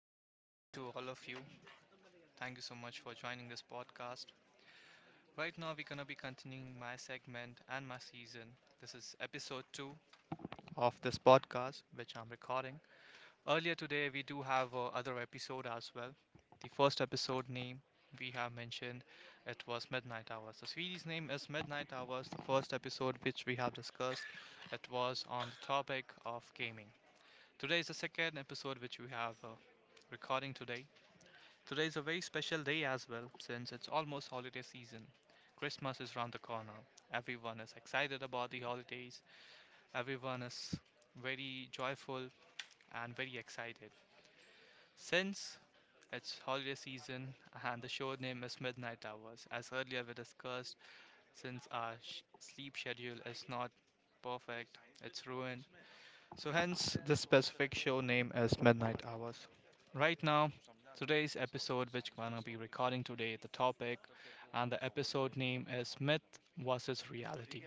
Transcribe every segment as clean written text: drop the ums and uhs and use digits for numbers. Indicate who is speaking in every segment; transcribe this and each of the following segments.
Speaker 1: Very good evening to all of you. Thank you so much for joining this podcast. Right now, we're going to be continuing my segment and my season. This is episode two of this podcast, which I'm recording. Earlier today, we do have other episode as well. The first episode name we have mentioned, it was Midnight Hours. The series name is Midnight Hours. The first episode which we have discussed, it was on the topic of gaming. Today is the second episode which we have recording today. Today is a very special day as well since it's almost holiday season. Christmas is round the corner. Everyone is excited about the holidays. Everyone is very joyful and very excited. Since it's holiday season and the show name is Midnight Hours, as earlier we discussed, since our sleep schedule is not perfect, it's ruined, so, hence this specific show name is Midnight Hours. Right now, today's episode, which we're gonna be recording today, the topic and the episode name is Myth versus Reality.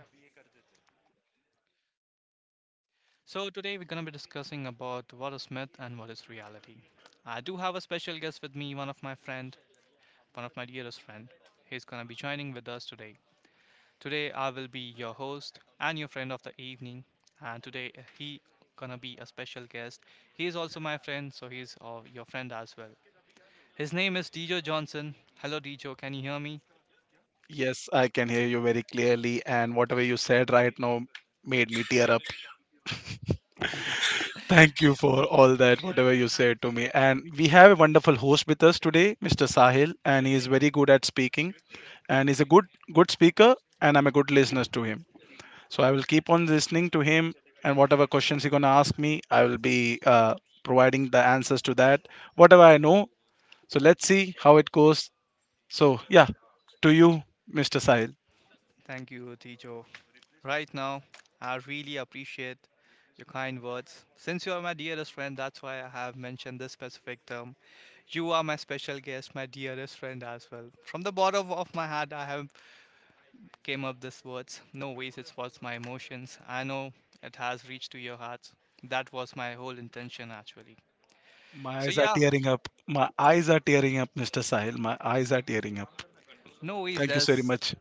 Speaker 1: So, today we're gonna be discussing about what is myth and what is reality. I do have a special guest with me, one of my friend, one of my dearest friend. He's gonna be joining with us today. Today I will be your host and your friend of the evening, and today he gonna be a special guest. He is also my friend, so he's your friend as well. His name is Dejo Johnson. Hello, Dejo. Can you hear me?
Speaker 2: Yes, I can hear you very clearly, and whatever you said right now made me tear up. Thank you for all that, whatever you said to me. And we have a wonderful host with us today, Mr. Sahil, and he is very good at speaking, and he's a good speaker, and I'm a good listener to him. So I will keep on listening to him, and whatever questions he's gonna ask me, I will be providing the answers to that, whatever I know. So let's see how it goes. So yeah, to you, Mr. Sahil.
Speaker 1: Thank you, Dejo. Right now, I really appreciate your kind words. Since you are my dearest friend, that's why I have mentioned this specific term. You are my special guest, my dearest friend as well. From the bottom of my heart, I have came up these words. No ways, it was my emotions. I know it has reached to your hearts. That was my whole intention, actually.
Speaker 2: My
Speaker 1: So
Speaker 2: eyes are
Speaker 1: yeah,
Speaker 2: tearing up. My eyes are tearing up, Mr. Sahil. My eyes are tearing up.
Speaker 1: no ways.
Speaker 2: Thank you so very
Speaker 1: There's
Speaker 2: much.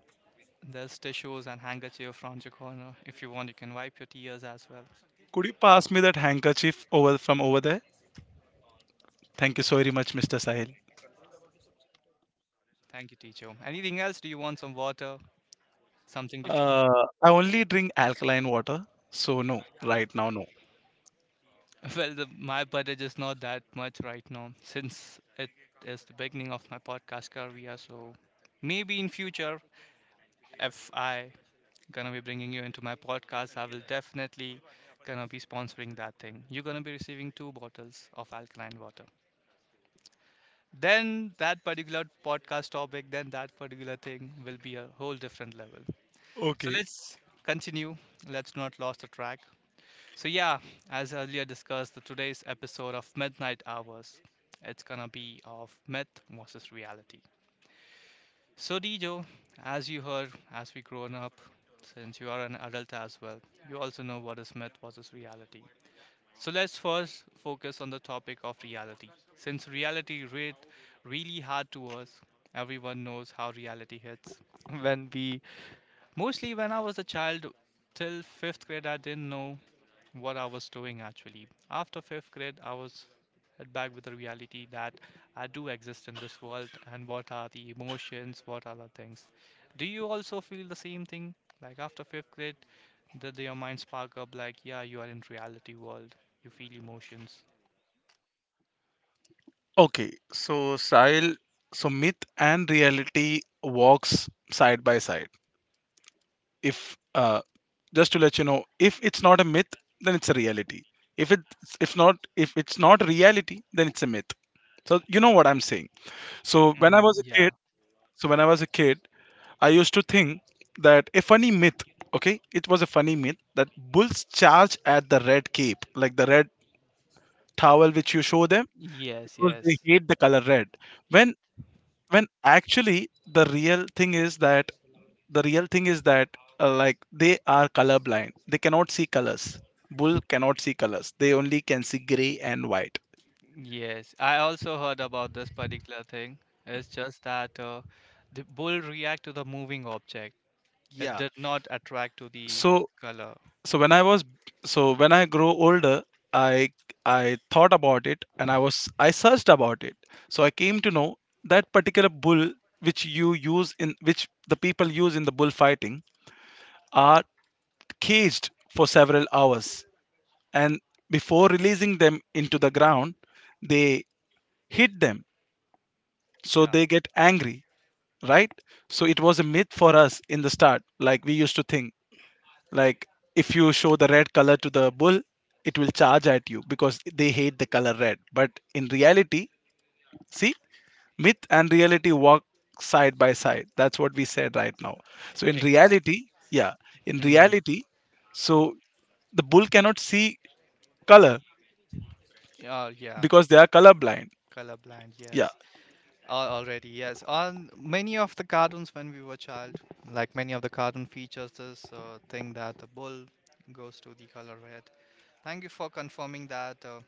Speaker 1: there's tissues and handkerchief around your corner. If you want, you can wipe your tears as well.
Speaker 2: Could you pass me that handkerchief over from over there? Thank you so very much, Mr. Sahil.
Speaker 1: Thank you, teacher. Anything else? Do you want some water? Something to?
Speaker 2: Uh, I only drink alkaline water, so no, right now, no.
Speaker 1: Well, the, my budget is not that much right now since it is the beginning of my podcast career. So maybe in future, if I gonna be bringing you into my podcast. I will definitely gonna be sponsoring that thing. You're gonna be receiving two bottles of alkaline water. Then that particular podcast topic, then that particular thing will be a whole different level. So
Speaker 2: Okay.
Speaker 1: let's continue. Let's not lose the track. So yeah, as earlier discussed, the today's episode of Midnight Hours, it's gonna be of myth versus reality. So, Dijo, as you heard, as we grown up, since you are an adult as well, you also know what is myth versus reality. So, let's first focus on the topic of reality. Since reality hit really hard to us, everyone knows how reality hits. When we, mostly when I was a child, till fifth grade, I didn't know what I was doing actually. After fifth grade, I was hit back with the reality that I do exist in this world and what are the emotions, what are the things. Do you also feel the same thing? Like after fifth grade, did your mind spark up like, yeah, you are in reality world, you feel emotions?
Speaker 2: Okay. So, Sahil, so myth and reality walks side by side. If, just to let you know, if it's not a myth, then it's a reality. If it, if not if it's not reality, then it's a myth. So you know what I'm saying. So when I
Speaker 1: Hmm,
Speaker 2: was a
Speaker 1: yeah.
Speaker 2: kid, so when I was a kid, I used to think that a funny myth, okay, it was a funny myth that bulls charge at the red cape, like the red towel which you show them
Speaker 1: Yes,
Speaker 2: because they
Speaker 1: yes,
Speaker 2: hate the color red. When when actually the real thing is that like they are colorblind. They cannot see colors. Bull cannot see colors. They only can see gray and white.
Speaker 1: yes, I also heard about this particular thing. It's just that the bull react to the moving object. It
Speaker 2: Yeah.
Speaker 1: did not attract to the
Speaker 2: So
Speaker 1: color.
Speaker 2: so when i was so when I grow older, i I thought about it, and I searched about it, so I came to know that particular bull which you use in which the people use in the bullfighting are caged for several hours, and before releasing them into the ground, they hit them so
Speaker 1: Yeah,
Speaker 2: they get angry, right? So it was a myth for us in the start. Like, we used to think. Like if you show the red color to the bull, it will charge at you because they hate the color red. But in reality, see, myth and reality walk side by side. That's what we said right now.
Speaker 1: e-
Speaker 2: So in
Speaker 1: exactly.
Speaker 2: reality, yeah, in
Speaker 1: Hmm.
Speaker 2: reality, so the bull cannot see color
Speaker 1: Oh, yeah.
Speaker 2: because they are colorblind.
Speaker 1: Colorblind,
Speaker 2: Yeah.
Speaker 1: yes. Al- Already, yes. On many of the cartoons when we were child, like many of the cartoon features this thing that the bull goes to the color red. Thank you for confirming that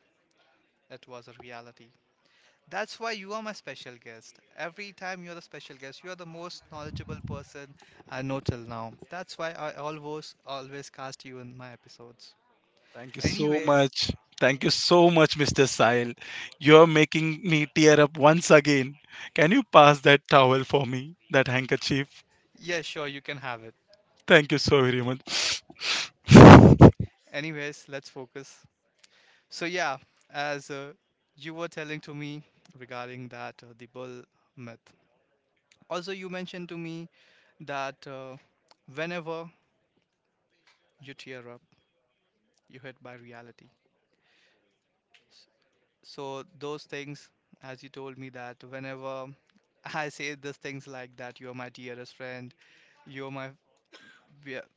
Speaker 1: it was a reality. That's why you are my special guest. Every time you're the special guest, you are the most knowledgeable person I know till now. That's why I always always cast you in my episodes.
Speaker 2: Thank you so
Speaker 1: Anyways,
Speaker 2: much. Thank you so much, Mr. Sahil. You're making me tear up once again. Can you pass that towel for me, that handkerchief?
Speaker 1: yeah, sure, you can have it.
Speaker 2: Thank you so very much.
Speaker 1: Anyways, let's focus. So yeah, as you were telling to me regarding that the bull myth. Also, you mentioned to me that whenever you tear up, you hit by reality. S- So those things, as you told me that whenever I say these things like that, you're my dearest friend, you're my be-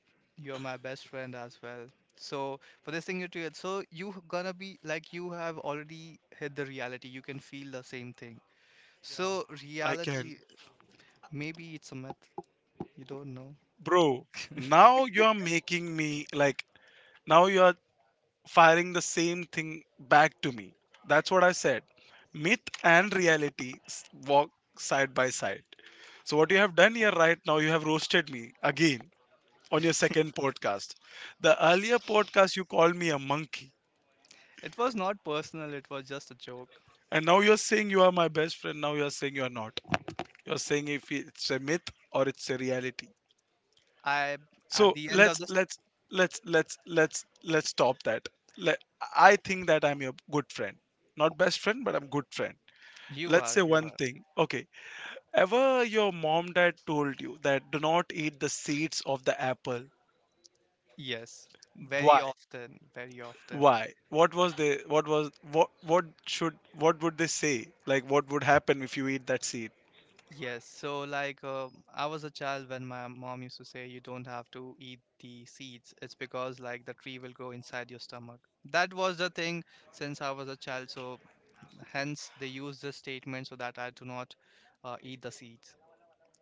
Speaker 1: you're my best friend as well. So for this thing you tear, so you gonna be like you have already hit the reality. You can feel the same thing. So,
Speaker 2: I
Speaker 1: reality,
Speaker 2: can.
Speaker 1: maybe it's a myth. You don't know.
Speaker 2: Bro, now you are making me like now you are firing the same thing back to me. That's what I said. Myth and reality walk side by side. So what you have done here right now, you have roasted me again on your second podcast. The earlier podcast you called me a monkey.
Speaker 1: It was not personal, it was just a joke.
Speaker 2: And now you're saying you are my best friend. Now you're saying you're not. You're saying if it's a myth or it's a reality.
Speaker 1: I, at
Speaker 2: So
Speaker 1: the end of
Speaker 2: let's
Speaker 1: this,
Speaker 2: let's let's let's let's let's stop that. Let, I think that I'm your good friend, not best friend, but I'm good friend.
Speaker 1: you
Speaker 2: Let's
Speaker 1: are,
Speaker 2: say
Speaker 1: you
Speaker 2: one
Speaker 1: are.
Speaker 2: thing, okay? Ever your mom dad told you that do not eat the seeds of the apple?
Speaker 1: Yes,
Speaker 2: why
Speaker 1: very often, very often.
Speaker 2: why what was they what was what should what would they say, like what would happen if you eat that seed?
Speaker 1: Yes, so like I was a child when my mom used to say, you don't have to eat the seeds. It's because like the tree will grow inside your stomach. That was the thing since I was a child. So hence they use this statement so that I do not eat the seeds.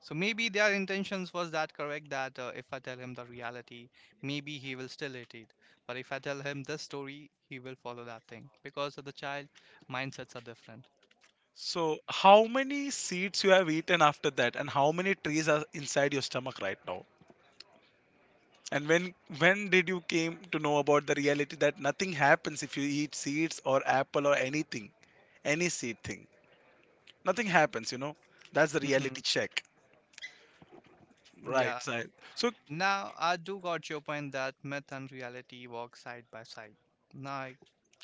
Speaker 1: So maybe their intentions was that correct that if I tell him the reality, maybe he will still hate it. But if I tell him this story, he will follow that thing because of the child mindsets are different.
Speaker 2: So how many seeds you have eaten after that, and how many trees are inside your stomach right now? And when did you came to know about the reality that nothing happens if you eat seeds or apple or anything, any seed thing? Nothing happens, you know. That's the reality
Speaker 1: Mhm.
Speaker 2: check, right,
Speaker 1: Yeah.
Speaker 2: Sahil? So
Speaker 1: Now I do got your point that myth and reality walk side by side. Now I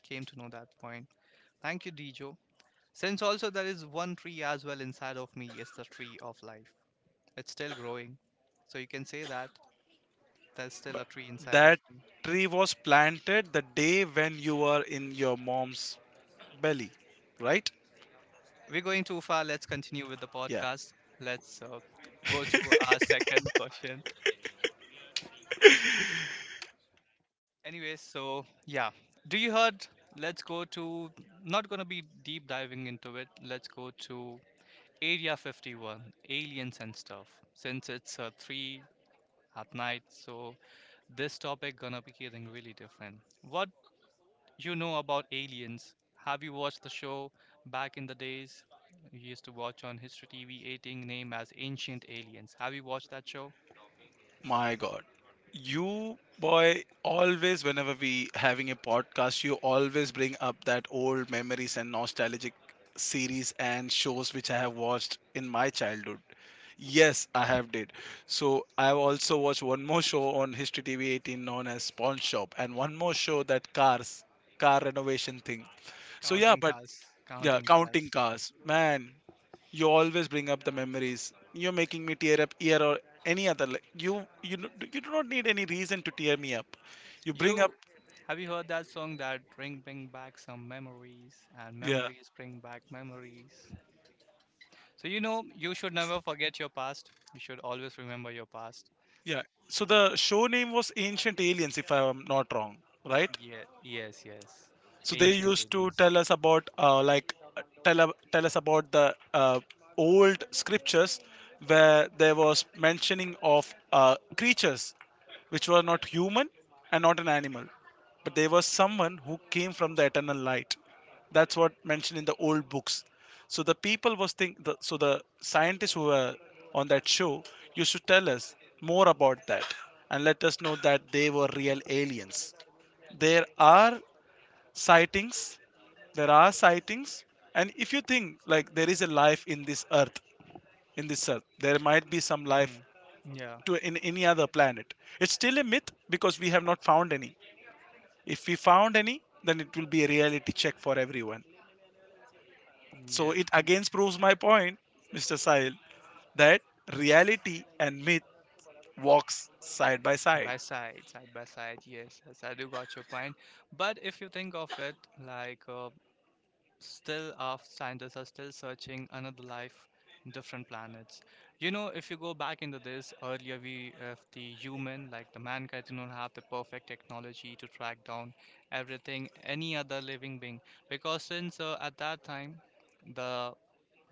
Speaker 1: came to know that point. Thank you, Dijo. Since also there is one tree as well inside of me, it's the tree of life. It's still growing. So you can say that there's still
Speaker 2: but
Speaker 1: a tree inside
Speaker 2: that
Speaker 1: of me.
Speaker 2: tree was planted the day when you were in your mom's belly, right?
Speaker 1: We're going too far. Let's continue with the
Speaker 2: Yeah.
Speaker 1: podcast. Let's go to our second question. Anyway, so yeah, do you heard? Let's go to, not gonna be deep diving into it. Let's go to Area 51, aliens and stuff. Since it's three at night, so this topic gonna be getting really different. What you know about aliens? Have you watched the show back in the days? You used to watch on History TV 18 named as Ancient Aliens. Have you watched that show?
Speaker 2: My God. You, boy, always, whenever we having a podcast, you always bring up that old memories and nostalgic series and shows which I have watched in my childhood. Yes, I have did. So I have also watched one more show on History TV 18 known as Pawn Shop, and one more show that cars, car renovation thing. So yeah,
Speaker 1: Counting
Speaker 2: but
Speaker 1: cars,
Speaker 2: yeah,
Speaker 1: counting
Speaker 2: counting
Speaker 1: cars.
Speaker 2: cars. Man, you always bring up the memories. You're making me tear up here or any other. Like you do not need any reason to tear me up. You bring up,
Speaker 1: You have you heard that song that bring back some memories and
Speaker 2: yeah,
Speaker 1: memories bring back memories. So you know you should never forget your past. You should always remember your past.
Speaker 2: yeah. So the show name was Ancient Aliens, if I'm not wrong, right?
Speaker 1: Yeah, yes, yes.
Speaker 2: So they
Speaker 1: Ancient
Speaker 2: used to
Speaker 1: aliens.
Speaker 2: tell us about like tell us about the old scriptures where there was mentioning of creatures which were not human and not an animal, but they were someone who came from the eternal light. That's what mentioned in the old books. So the people was think the, so the scientists who were on that show used to tell us more about that and let us know that they were real aliens. There are sightings, there are sightings and if you think like there is a life in this earth, there might be some life
Speaker 1: Hmm. Yeah.
Speaker 2: to in any other planet. It's still a myth because we have not found any. If we found any, then it will be a reality check for everyone. So
Speaker 1: Yes,
Speaker 2: it again proves my point, Mr. Sahil, that reality and myth walks side by side.
Speaker 1: by side, side by side. Yes, yes, I do got your point. But if you think of it, like still our scientists are still searching another life, different planets. You know, if you go back into this earlier, we, if the human, like the mankind did not have the perfect technology to track down everything, any other living being, because since at that time, the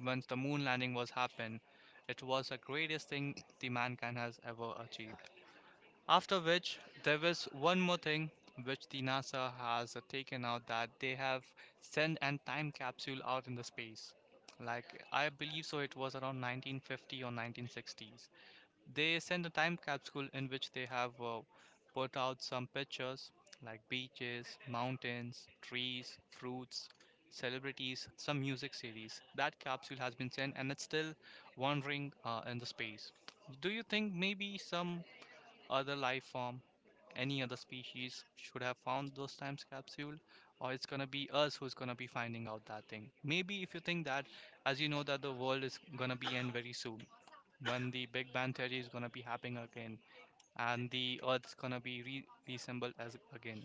Speaker 1: once the moon landing was happened, it was the greatest thing the mankind has ever achieved. After which, there was one more thing which the NASA has taken out, that they have sent an time capsule out in the space. Like, I believe so, it was around 1950 or 1960s. They sent a time capsule in which they have put out some pictures like beaches, mountains, trees, fruits, celebrities, some music series. That capsule has been sent and it's still wandering in the space. Do you think maybe some other life form, any other species should have found those times capsule, or it's gonna be us who's gonna be finding out that thing. Maybe if you think that, as you know that the world is gonna be end very soon, when the Big Bang theory is gonna be happening again, and the Earth's gonna be reassembled as again,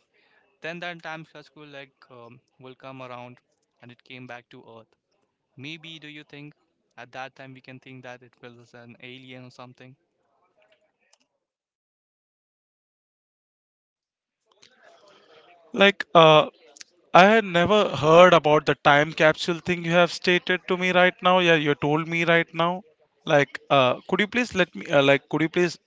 Speaker 1: then that time capsule like will come around, and it came back to Earth. Maybe do you think at that time we can think that it was an alien or something?
Speaker 2: Like I had never heard about the time capsule thing you have stated to me right now. Yeah, you told me right now. Like, could you please could you please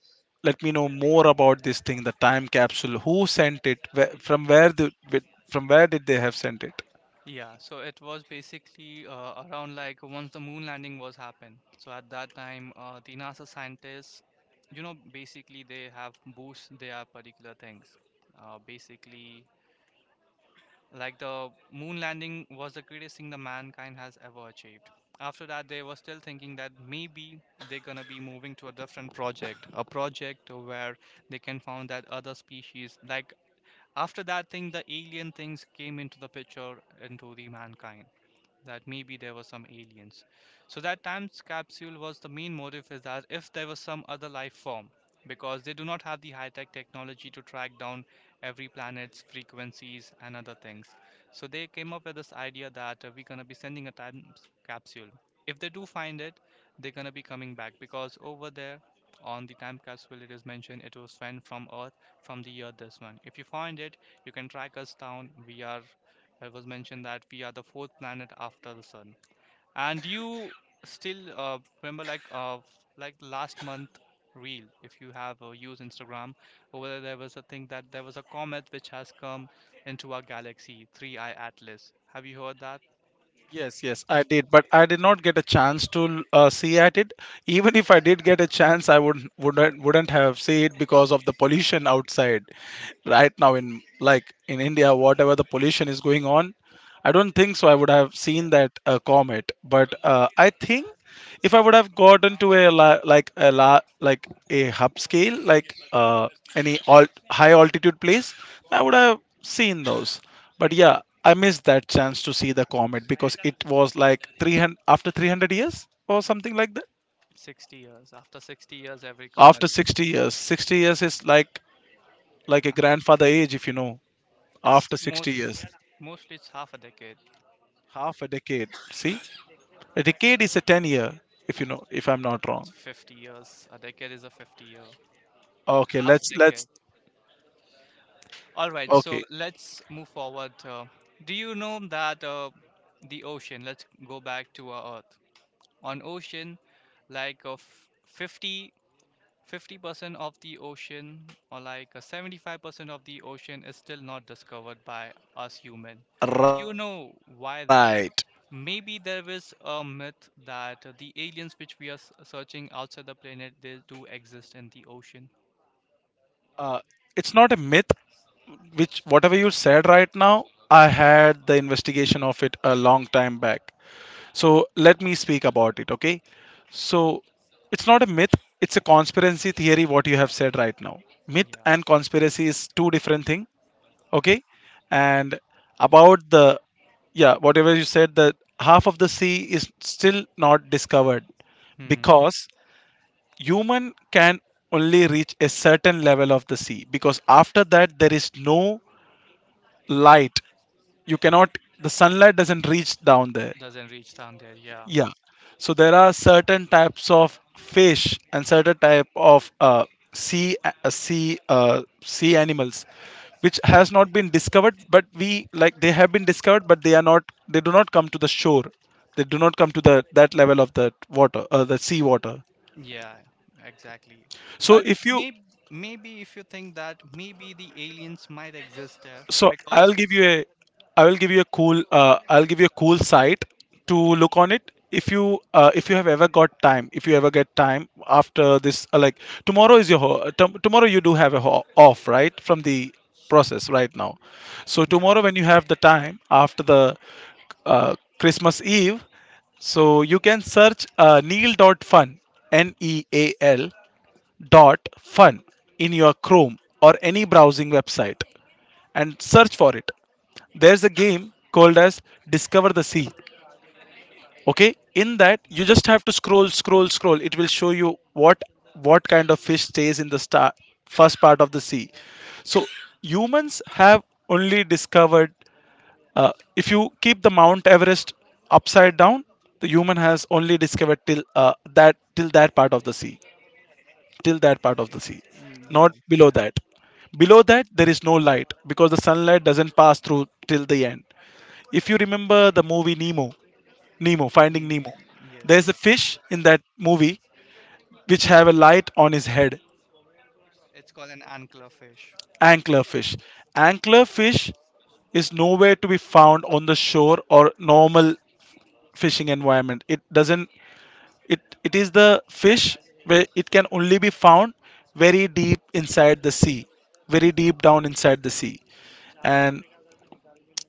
Speaker 2: let me know more about this thing, the time capsule? Who sent it? From where the, from where did they have sent it?
Speaker 1: Yeah, so it was basically around like once the moon landing was happened. So at that time, the NASA scientists, you know, basically they have boost their particular things. Basically, like the moon landing was the greatest thing the mankind has ever achieved. After that, they were still thinking that maybe they're gonna be moving to a different project, a project where they can found that other species. Like after that thing, the alien things came into the picture into the mankind that maybe there were some aliens. So that time capsule was the main motive is that if there was some other life form, because they do not have the high-tech technology to track down every planet's frequencies and other things. So they came up with this idea that we're gonna be sending a time capsule. If they do find it, they're gonna be coming back because over there on the time capsule it is mentioned it was sent from Earth from the year this one. If you find it, you can track us down. We are It was mentioned that we are the fourth planet after the sun. And you still remember, like last month reel if you have used Instagram. Over there, there was a thing that there was a comet which has come into our galaxy 3i Atlas. Have you heard that?
Speaker 2: Yes, yes, I did, but I did not get a chance to see at it. Even if I did get a chance, I would wouldn't have seen it because of the pollution outside. Right now, in like in India, whatever the pollution is going on, I don't think so. I would have seen
Speaker 1: Yeah,
Speaker 2: that comet, but I think if I would have gotten to like like a hub scale, like high altitude place, I would have seen those. But yeah, I missed that chance to see the comet because it was like 300 after 300 years or something like that.
Speaker 1: 60 years. After 60 years, every
Speaker 2: After
Speaker 1: comet hit.
Speaker 2: 60 years, 60 years is like a
Speaker 1: Uh,
Speaker 2: grandfather age, if you know.
Speaker 1: It's
Speaker 2: After 60
Speaker 1: most
Speaker 2: years,
Speaker 1: mostly it's half a decade.
Speaker 2: half a decade. See, a decade is a 10-year, if you know, if I'm not
Speaker 1: It's
Speaker 2: wrong.
Speaker 1: 50 years. A decade is a 50 year.
Speaker 2: Okay,
Speaker 1: Half
Speaker 2: let's
Speaker 1: decade.
Speaker 2: let's
Speaker 1: All right, so
Speaker 2: okay,
Speaker 1: let's move forward. Do you know that the ocean, let's go back to our Earth. On ocean, like fifty percent of the ocean, or like 75% of the ocean is still not discovered by us human. Do you
Speaker 2: right.
Speaker 1: know why that? Maybe there is a myth that the aliens which we are searching outside the planet, they do exist in the ocean.
Speaker 2: uh, it's not a myth. Which whatever you said right now, I had the investigation of it a long time back, so let me speak about it, okay? So it's not a myth. It's a conspiracy theory what you have said right now. Myth
Speaker 1: Yeah.
Speaker 2: and conspiracy is two different thing, okay? And about the, yeah, whatever you said, the half of the sea is still not discovered
Speaker 1: Hmm.
Speaker 2: because human can only reach a certain level of the sea, because after that there is no light. You cannot, the sunlight doesn't reach down there.
Speaker 1: Doesn't reach down there, yeah.
Speaker 2: Yeah. So there are certain types of fish and certain type of sea animals which has not been discovered, but we like they have been discovered, but they are not, they do not come to the shore. They do not come to the that level of the water, the sea water.
Speaker 1: Yeah, exactly.
Speaker 2: so
Speaker 1: But
Speaker 2: if you
Speaker 1: maybe maybe if you think that maybe the aliens might exist there
Speaker 2: so
Speaker 1: because
Speaker 2: I'll give you a, I will give you a cool, I'll give you a cool site to look on it. If you have ever got time, if you ever get time after this, like tomorrow is your, tomorrow you do have a off, right, from the process right now. So
Speaker 1: yeah,
Speaker 2: tomorrow when you have the time after the Christmas Eve, so you can search neil dot fun, Neal dot fun in your Chrome or any browsing website, and search for it. There's a game called as Discover the Sea. Okay, in that you
Speaker 1: uh,
Speaker 2: just have to scroll, scroll, scroll. It will show you what kind of fish stays in the star first part of the sea. So humans have only discovered if you keep the Mount Everest upside down, the human has only discovered till that till that part of the sea, till that part of the sea,
Speaker 1: mm, yeah,
Speaker 2: not below that. Below that, there is no light because the sunlight doesn't pass through till the end. If you remember the movie Nemo, Nemo, Finding
Speaker 1: mm,
Speaker 2: Nemo,
Speaker 1: yes,
Speaker 2: there's a
Speaker 1: yes.
Speaker 2: fish in that movie which have a light on his head,
Speaker 1: It's called an anglerfish.
Speaker 2: anglerfish. Anglerfish is nowhere to be found on the shore or normal fishing environment. It doesn't. It is the fish where it can only be found very deep inside the sea, very deep down inside the sea. And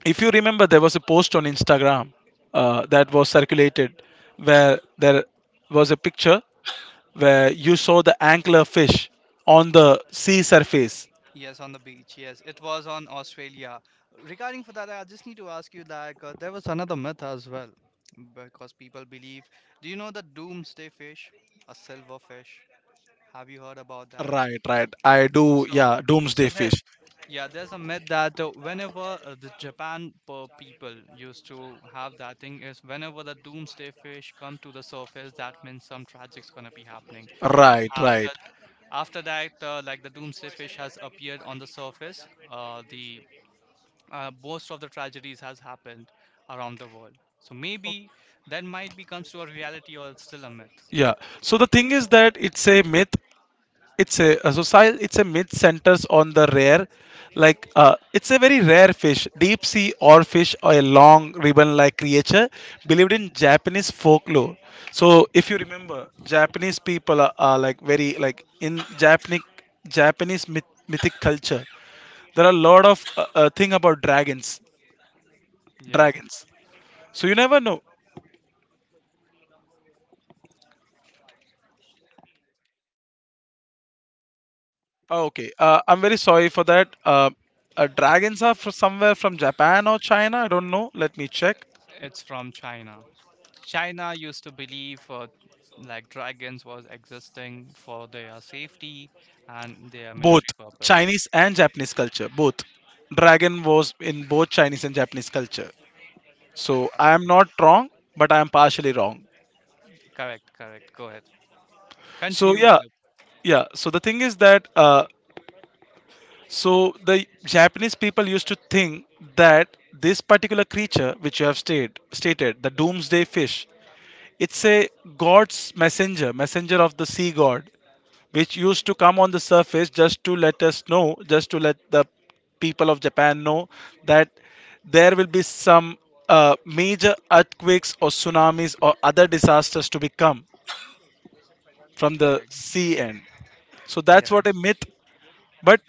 Speaker 2: if you remember there was a post on Instagram, that was circulated where there was a picture where you saw the angler fish on the sea surface.
Speaker 1: Yes, on the beach. Yes, it was on Australia. Regarding for that, I just need to ask you, like, there was another myth as well because people believe. Do you know the doomsday fish, a silver fish? Have you heard about that?
Speaker 2: Right, right, I do,
Speaker 1: So,
Speaker 2: yeah,
Speaker 1: so
Speaker 2: doomsday
Speaker 1: there
Speaker 2: fish.
Speaker 1: Yeah, there's a myth that whenever the Japan per people used to have that thing is whenever the doomsday fish come to the surface, that means some tragic's gonna be happening. And
Speaker 2: Right, right,
Speaker 1: after after that, like, the doomsday fish has appeared on the surface, the most of the tragedies has happened around the world. So maybe that might be comes to a reality, or it's still a myth.
Speaker 2: yeah, so the thing is that it's a myth. It's a so Sahil, it's a myth centers on the rare, like it's a very rare fish, deep sea or fish, or a long ribbon like creature, believed in Japanese folklore. So if you remember, Japanese people are like very like, in Japanese, Japanese myth, mythic culture, there are a lot of thing about dragons.
Speaker 1: Yes.
Speaker 2: Dragons. So you never know. Oh, okay, I'm very sorry for that, dragons are from somewhere from Japan or China, I don't know, let me check.
Speaker 1: It's from China. China used to believe like dragons was existing for their safety and their
Speaker 2: Both
Speaker 1: military purpose.
Speaker 2: Chinese and Japanese culture, both. Dragon was in both Chinese and Japanese culture, so I am
Speaker 1: Okay.
Speaker 2: not wrong, but I am partially wrong.
Speaker 1: Correct, correct. Go ahead.
Speaker 2: So
Speaker 1: Continue with
Speaker 2: yeah.
Speaker 1: it.
Speaker 2: Yeah, so the thing is that, so the Japanese people used to think that this particular creature which you have stated, the doomsday fish, it's a god's messenger of the sea god, which used to come on the surface just to let us know, just to let the people of Japan know that there will be some major earthquakes or tsunamis or other disasters to become from the
Speaker 1: Exactly.
Speaker 2: sea end. So that's
Speaker 1: Yeah.
Speaker 2: what a myth. But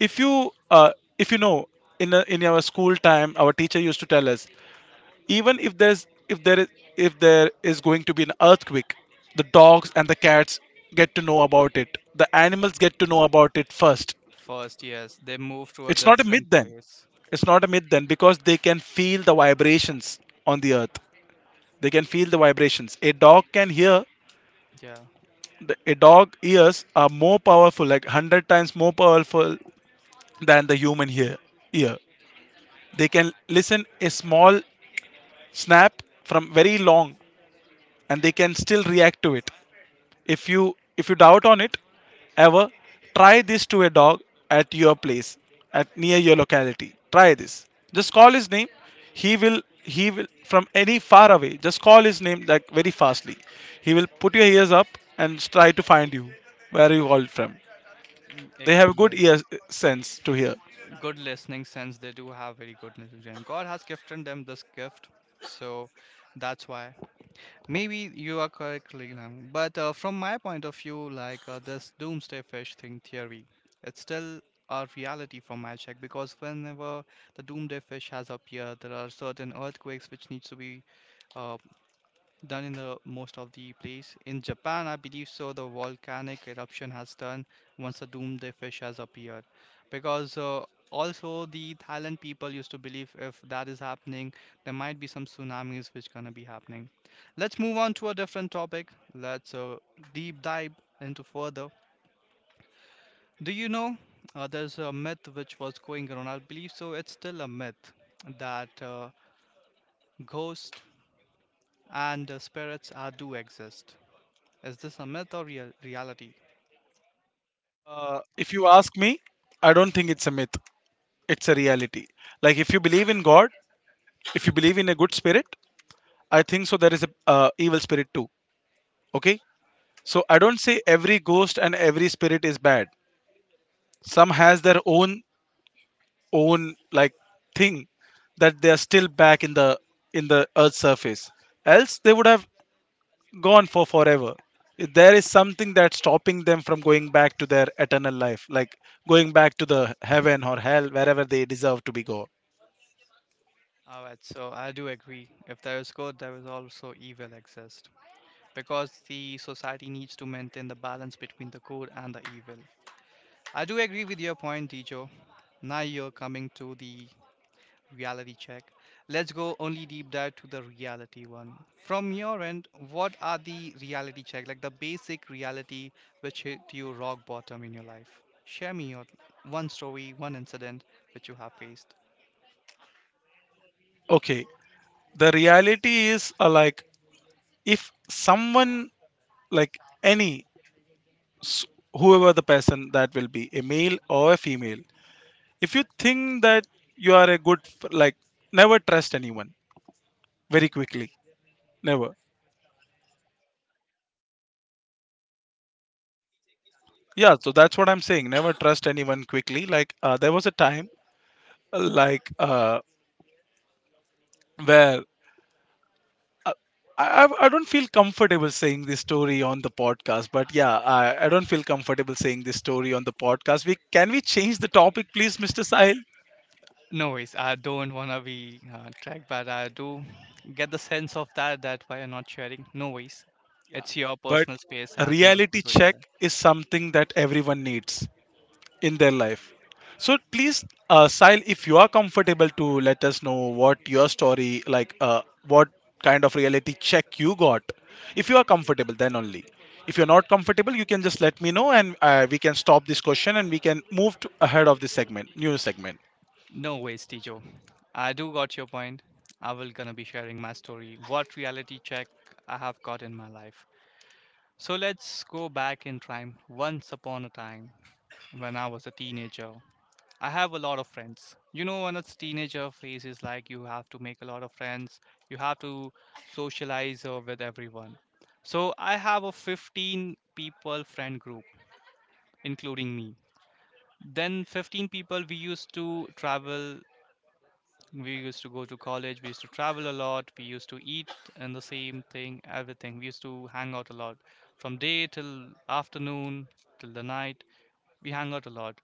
Speaker 2: if you know, in our school time, our teacher used to tell us, even if there is, if there is going to be an earthquake, the dogs and the cats get to know about it. The animals get to know about it first.
Speaker 1: First, yes, they move to a
Speaker 2: It's not a myth
Speaker 1: different
Speaker 2: then.
Speaker 1: place.
Speaker 2: It's not a myth then, because they can feel the vibrations on the earth. They can feel the vibrations. A dog can hear.
Speaker 1: Yeah.
Speaker 2: A dog ears are more powerful, like hundred times more powerful than the human ear. Ear. They can listen a small snap from very long, and they can still react to it. If you doubt on it ever, try this to a dog at your place, at near your locality. Try this. Just call his name. He will from any far away. Just call his name like very fastly. He will put your ears up and try to find you where you called from.
Speaker 1: Mm,
Speaker 2: They
Speaker 1: ex-
Speaker 2: have good ear
Speaker 1: Yes.
Speaker 2: sense to hear.
Speaker 1: Good listening sense. They do have very good listening. God has gifted them this gift, so that's why. Maybe you are correct, Leland, but from my point of view, like, this doomsday fish thing theory, it's still a reality from my check because whenever the doomsday fish has appeared, there are certain earthquakes which needs to be uh, done in the most of the place. In Japan, I believe so, the volcanic eruption has done once the doomsday fish has appeared. Because also the Thailand people used to believe if that is happening, there might be some tsunamis which gonna be happening. Let's move on to a different topic. Let's deep dive into further. Do you know there's a myth which was going around? I believe so. It's still a myth that ghosts and spirits are, do exist. Is this a myth or reality?
Speaker 2: If you ask me, I don't think it's a myth. It's a reality. Like if you believe in God, if you believe in a good spirit, I think so. There is a evil spirit too. Okay, so I don't say every ghost and every spirit is bad. Some has their own like thing, that they are still back in the, in the earth's surface. Else they would have gone for forever. If there is something that's stopping them from going back to their eternal life, like going back to the heaven or hell, wherever they deserve to be go.
Speaker 1: Alright, so I do agree. If there is good, there is also evil exist. Because the society needs to maintain the balance between the good and the evil. I do agree with your point, Dijo. Now you're coming to the reality check. Let's go only deep dive to the reality one. From your end, what are the reality check, like the basic reality which hit you rock bottom in your life? Share me your one story, one incident which you have faced.
Speaker 2: Okay, the reality is, like if someone, like any s- whoever the person that will be a male or a female, if you think that you are a good like never trust anyone very quickly, never. Yeah, so that's what I'm saying, never trust anyone quickly, like there was a time, like where uh, I don't feel comfortable saying this story on the podcast, but yeah, I don't feel comfortable saying this story on the podcast. We can we change the topic, please, Mr. Sahil?
Speaker 1: No worries. I don't want to be tracked, but I do get the sense of that why you're not sharing. No worries.
Speaker 2: Yeah,
Speaker 1: It's your
Speaker 2: but
Speaker 1: personal space.
Speaker 2: a
Speaker 1: I do not
Speaker 2: reality
Speaker 1: want to
Speaker 2: check
Speaker 1: interrupt.
Speaker 2: is something that everyone needs in their life. So please, Sile, if you are comfortable to let us know what your story, like what kind of reality check you got. If you are comfortable, then only. If you're not comfortable, you can just let me know, and we can stop this question and we can move to ahead of this segment, new segment.
Speaker 1: No worries, Tijo. I do got your point. I will gonna be sharing my story. What reality check I have got in my life. So let's go back in time. Once upon a time, when I was a teenager, I have a lot of friends. You know, when it's teenager phase is like you have to make a lot of friends, you have to socialize with everyone. So I have a 15 people friend group, including me. Then 15 people, we used to travel, we used to go to college, we used to travel a lot, we used to eat, and the same thing, everything. We used to hang out a lot from day till afternoon till the night. We hang out a lot.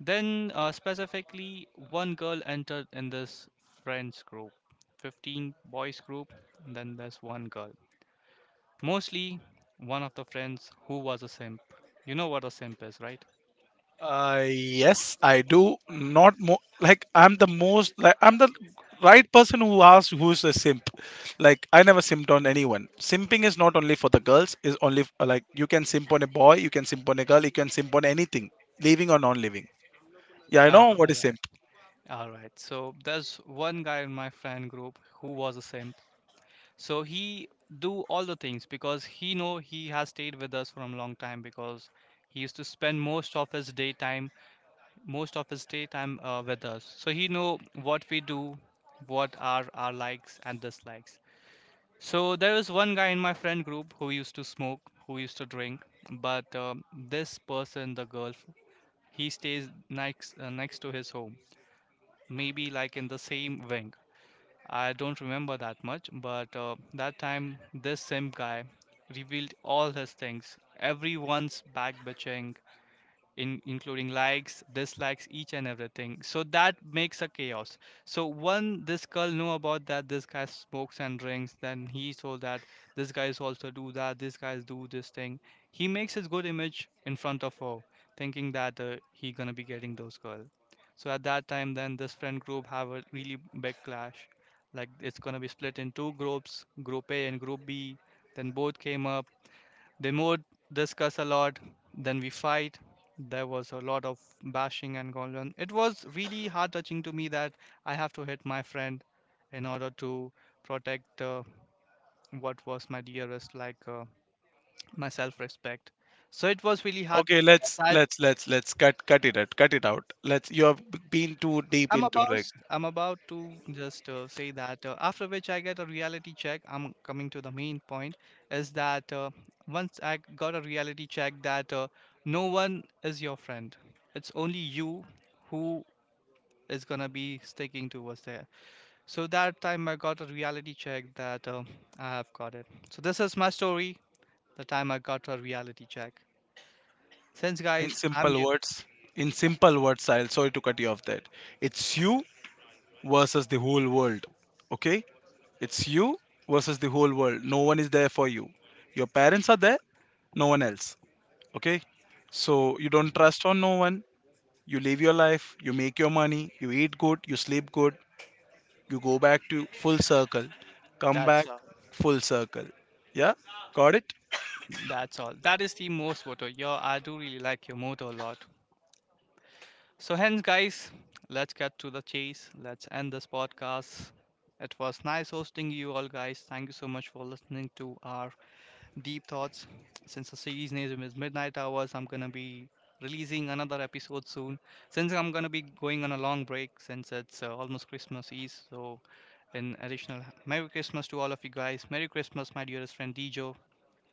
Speaker 1: Then, specifically, one girl entered in this friends group, 15 boys group, and then there's one girl. Mostly one of the friends who was a simp. You know what a simp is, right?
Speaker 2: Yes, I do. Not more like I'm the most, like I'm the right person who asks who's a simp. Like I never simped on anyone. Simping is not only for the girls. Is only like you can simp on a boy, you can simp on a girl, you can simp on anything, living or non-living. Yeah, I know what
Speaker 1: All
Speaker 2: is
Speaker 1: right.
Speaker 2: simp.
Speaker 1: All right. So there's one guy in my friend group who was a simp. So he do all the things because he know he has stayed with us from a long time, because he used to spend most of his daytime with us. So he know what we do, what are our likes and dislikes. So there was one guy in my friend group who used to smoke, who used to drink, but this person, the girl, he stays next to his home, maybe like in the same wing. I don't remember that much, but that time this same guy revealed all his things, everyone's back bitching, including likes, dislikes, each and everything. So that makes a chaos. So one, this girl know about that this guy smokes and drinks. Then he saw that this guy is also do that. This guys do this thing. He makes his good image in front of her, thinking that he gonna be getting those girl. So at that time, then this friend group have a really big clash. Like it's gonna be split in two groups, group A and group B. Then both came up. They more discuss a lot, then we fight. There was a lot of bashing and going on. It was really heart touching to me that I have to hit my friend in order to protect what was my dearest, like, my self respect. So it was really hard.
Speaker 2: Okay, let's cut it out. Cut it out. Let's, you have been too deep
Speaker 1: I'm
Speaker 2: into,
Speaker 1: about
Speaker 2: like,
Speaker 1: I'm about to just say that after which I get a reality check. I'm coming to the main point is that once I got a reality check that no one is your friend. It's only you who is gonna be sticking towards there. So that time I got a reality check that I have got it. So this is my story. The time I got a reality check. Since
Speaker 2: in
Speaker 1: guys, I'm
Speaker 2: simple
Speaker 1: you.
Speaker 2: words. In simple words, I'll sorry to cut you off that. It's you versus the whole world. Okay? It's you versus the whole world. No one is there for you. Your parents are there, no one else. Okay? So you don't trust on no one. You live your life, you make your money, you eat good, you sleep good, you go back to full circle. Come
Speaker 1: That's
Speaker 2: back
Speaker 1: all.
Speaker 2: full circle. Yeah? Got it?
Speaker 1: That's all. That is the most motto. Yo, I do really like your motto a lot. So, hence, guys, let's get to the chase. Let's end this podcast. It was nice hosting you all, guys. Thank you so much for listening to our deep thoughts. Since the series name is Midnight Hours, I'm gonna be releasing another episode soon. Since I'm gonna be going on a long break, since it's almost Christmas Eve, so in additional, Merry Christmas to all of you guys. Merry Christmas, my dearest friend Dijo.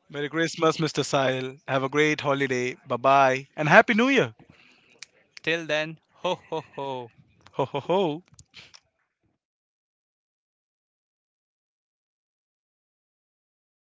Speaker 2: Merry Christmas, Mr. Sahil. Have a great holiday. Bye bye. And Happy New Year.
Speaker 1: Till then, ho ho ho.
Speaker 2: Ho ho ho.